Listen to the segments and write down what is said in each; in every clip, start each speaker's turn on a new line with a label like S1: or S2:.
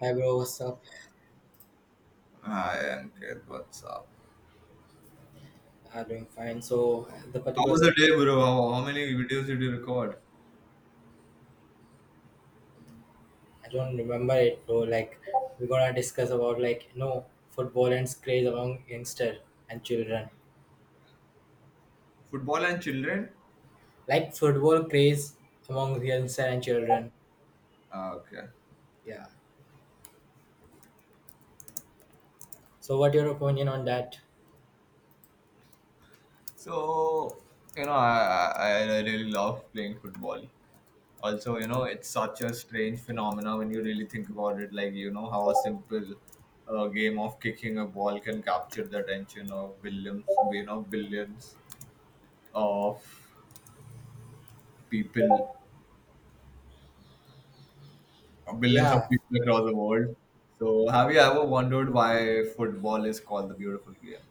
S1: Hi bro, what's up?
S2: Hi, Ankit. What's up?
S1: Doing fine. So the
S2: How
S1: particular
S2: was the
S1: section,
S2: day, bro? How many videos did you record?
S1: I don't remember it, bro. Like we're gonna discuss about football and its craze among youngster and children.
S2: Football and children?
S1: Like football craze among youngster and children.
S2: Ah, okay.
S1: Yeah. So what your opinion on that?
S2: So, I really love playing football. Also, you know, it's such a strange phenomena when you really think about it. Like, you know, how a simple game of kicking a ball can capture the attention of billions, you know, of people billions of
S1: Yeah.
S2: people across the world. So, have you ever wondered why football is called the beautiful game?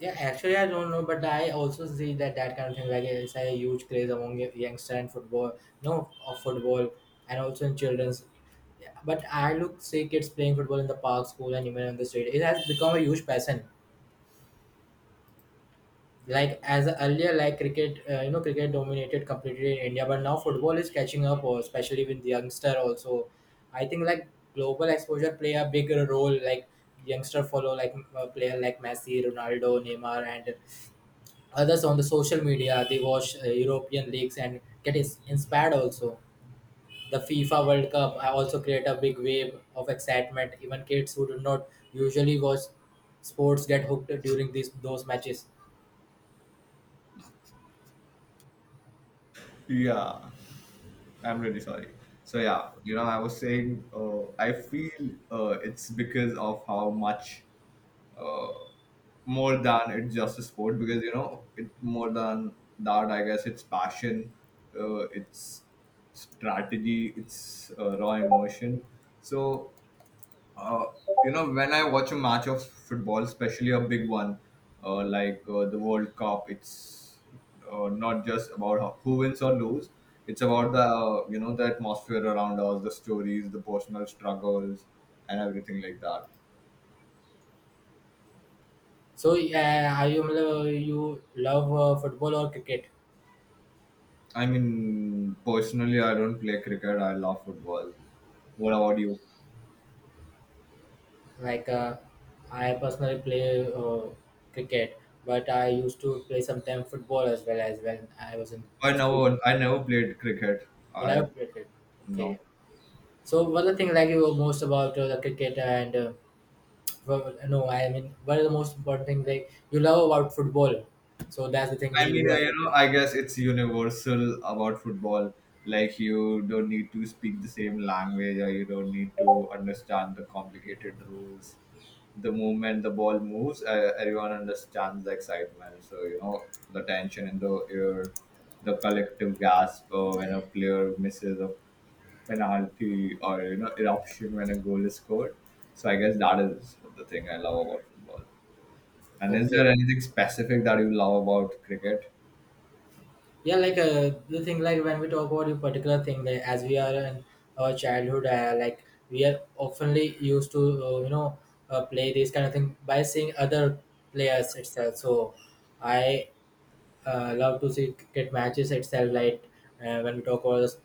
S1: Yeah, actually, I don't know, but I also see that kind of thing. Like, it's a huge craze among youngster and football, no, of football, and also in children's. Yeah, but I look see kids playing football in the park, school, and even on the street. It has become a huge passion. Like as earlier, like cricket, cricket dominated completely in India, but now football is catching up, or especially with the youngster also. I think like global exposure play a bigger role. Like youngster follow like player like Messi, Ronaldo, Neymar, and others on the social media. They watch european leagues and get inspired also. The fifa world cup also create a big wave of excitement even kids who do not usually watch sports get hooked during these those matches.
S2: Yeah, I'm really sorry. So
S1: Yeah.
S2: yeah, you know, I was saying, I feel it's because of how much uh, more than it's just a sport. Because you know, it more than that, I guess it's passion, it's strategy, it's raw emotion. So Uh, you know, when I watch a match of football, especially a big one, like the World Cup, it's not just about how, who wins or lose. It's about the you know the atmosphere around us, the stories, the personal struggles, and everything like that.
S1: So are you you love football or cricket?
S2: I mean, personally, I don't play cricket. I love football. What about you?
S1: Like I personally play uh, cricket, but I used to play sometimes football as well as when I was in
S2: I
S1: school.
S2: never, I never played cricket.
S1: You
S2: I
S1: never played it? Okay.
S2: no.
S1: So what are the things like you love most about the cricket and well, no, I mean what are the most important things like you love about football? So that's the thing that
S2: I mean,
S1: you
S2: you
S1: have.
S2: know, I guess it's universal about football. Like you don't need to speak the same language, or you don't need to understand the complicated rules. The moment the ball moves, everyone understands the excitement. So you know the tension in the air, the collective gasp when a player misses a penalty, or you know eruption when a goal is scored. So I guess that is the thing I love about football. And is there
S1: Okay,
S2: anything specific that you love about cricket?
S1: yeah, like the thing like when we talk about a particular thing, like as we are in our childhood, like we are oftenly used to play this kind of thing by seeing other players itself. So I love to see cricket matches itself. Like when we talk about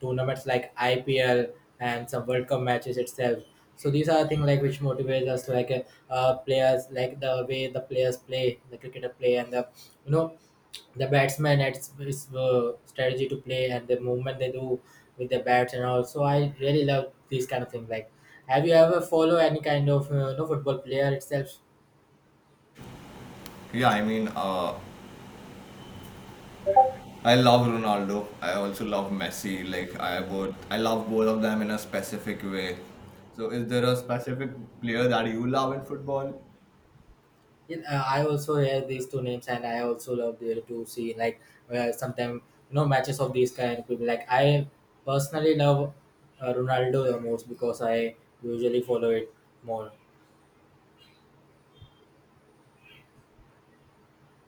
S1: tournaments like IPL and some World Cup matches itself. So these are things like which motivates us, like players, like the way the players play, the cricketer play, and the you know the batsman it's his strategy to play and the movement they do with the bats and all. So I really love these kind of things. Like, have you ever follow any kind of football player itself?
S2: Yeah, I mean, I love Ronaldo. I also love Messi. Like I love both of them in a specific way. So, is there a specific player that you love in football?
S1: In, I also hear these two names, and I also love the, to see like sometimes you know matches of these kind of people. Like I personally love Ronaldo the most because I usually follow it more.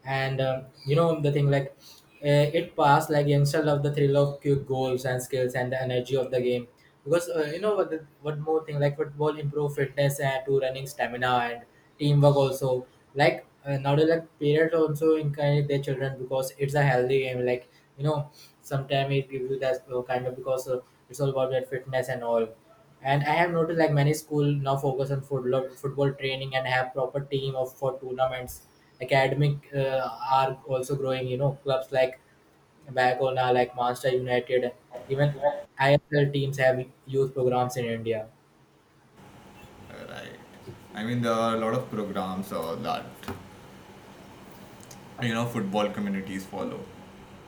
S1: And you know the thing like it passed like youngster love the thrill of quick goals and skills and the energy of the game, because what the, what more thing like football improve fitness and to running stamina and teamwork also. Like nowadays like parents also encourage their children because it's a healthy game. Like you know sometimes it gives you that kind of because it's all about that fitness and all. And I have noticed like many school now focus on football training and have proper team of for tournaments. Academic are also growing. You know, clubs like Barcelona, like Manchester United, even ISL teams have youth programs in India.
S2: Right. I mean, there are a lot of programs that you know football communities follow.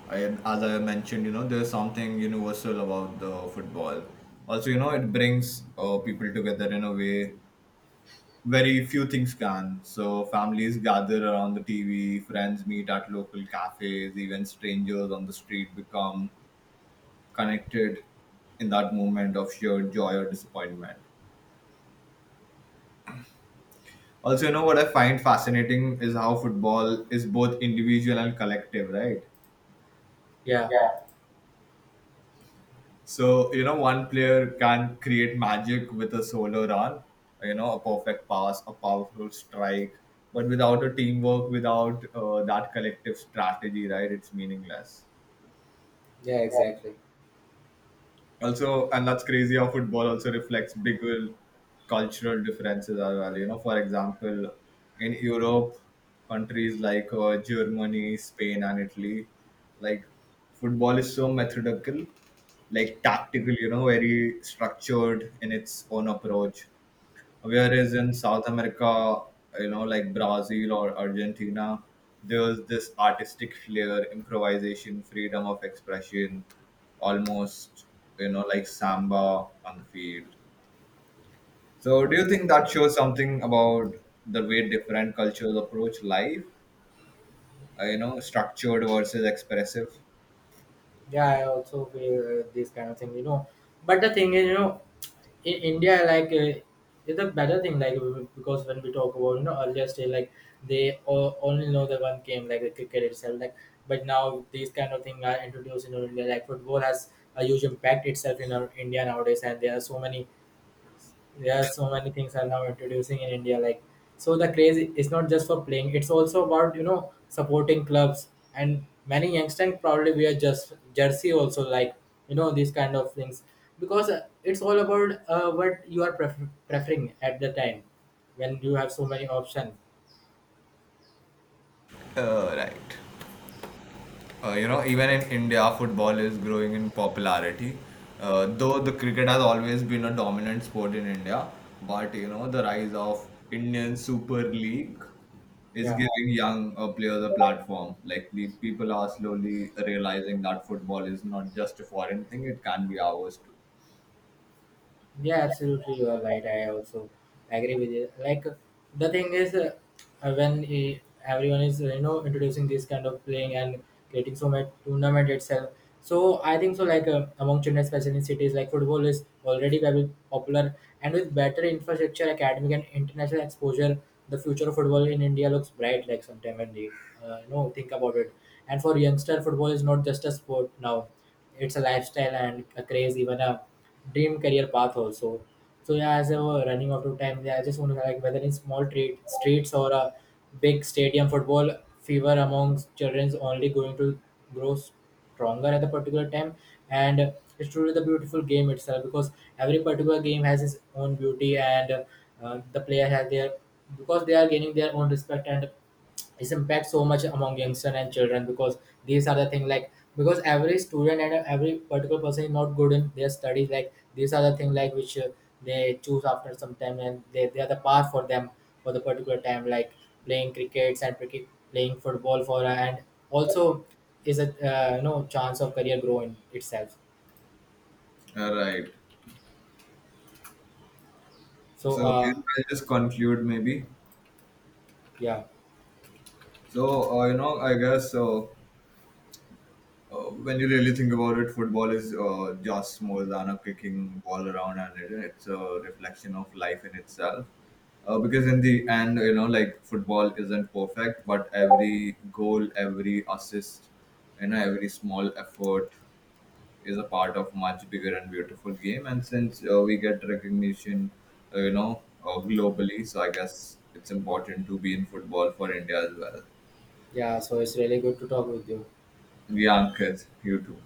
S2: I, as I mentioned, you know, there's something universal about the football. Also, you know, it brings people together in a way very few things can. So families gather around the TV, friends meet at local cafes, even strangers on the street become connected in that moment of shared joy or disappointment. Also, you know what I find fascinating is how football is both individual and collective, right?
S1: Yeah,
S2: Yeah. So, you know, one player can create magic with a solo run, you know, a perfect pass, a powerful strike, but without a teamwork, without that collective strategy, right, it's meaningless
S1: yeah, exactly.
S2: also. And that's crazy how football also reflects bigger cultural differences as well, you know, for example, in Europe, countries like Germany, Spain and Italy, like football is so methodical, like tactical, you know, very structured in its own approach, whereas in South America, you know, like Brazil or Argentina, there's this artistic flair, improvisation, freedom of expression, almost, you know, like samba on the field. So do you think that shows something about the way different cultures approach life, you know, structured versus expressive?
S1: Yeah, I also feel this kind of thing. You know, but the thing is, you know, in India, like. It's a better thing, like because when we talk about you know earlier stage, like they only know the one game, like the cricket itself, like, but now these kind of things are introduced in India. Like football has a huge impact itself in our India nowadays, and there are so many things are now introducing in india. Like so the craze is not just for playing, it's also about you know supporting clubs, and many youngsters probably wear just jersey also. Like you know these kind of things, because it's all about what you are preferring at the time when you have so many options.
S2: Right. You know, even in India, football is growing in popularity. Though the cricket has always been a dominant sport in India, but you know, the rise of Indian Super League is
S1: Yeah.
S2: giving young players a platform. Like the people are slowly realizing that football is not just a foreign thing; it can be ours too.
S1: Yeah, absolutely, you are right. I also agree with you. Like the thing is, uh, when eh, everyone is you know introducing this kind of playing and creating so much tournament itself, so I think so. Like among children, especially in cities, like football is already very popular, and with better infrastructure, academic, and international exposure, the future of football in India looks bright. Like sometime when they think about it, and for youngster, football is not just a sport now; it's a lifestyle and a craze, even a dream career path also. So yeah, as I were running out of time, yeah, I just want to like whether in small trade streets or a big stadium football fever amongst children is only going to grow stronger at a particular time, and it's truly the beautiful game itself, because every particular game has its own beauty and the player has their, because they are gaining their own respect and its impact so much among youngsters and children. Because these are the thing like, because every student and every particular person is not good in their studies, like these are the thing like which they choose after some time and they are the path for them for the particular time, like playing crickets and cricket, playing football for, and also is a chance of career growing itself.
S2: All right.
S1: So
S2: So I'll just conclude maybe.
S1: yeah.
S2: So you know, I guess so. When you really think about it, football is just more than a kicking ball around, and it's a reflection of life in itself. Because in the end, you know, like football isn't perfect, but every goal, every assist, you know, every small effort is a part of much bigger and beautiful game. And since we get recognition, globally, so I guess it's important to be in football for India as well.
S1: Yeah, so it's really good to talk with you.
S2: Yeah, Ankit, you too.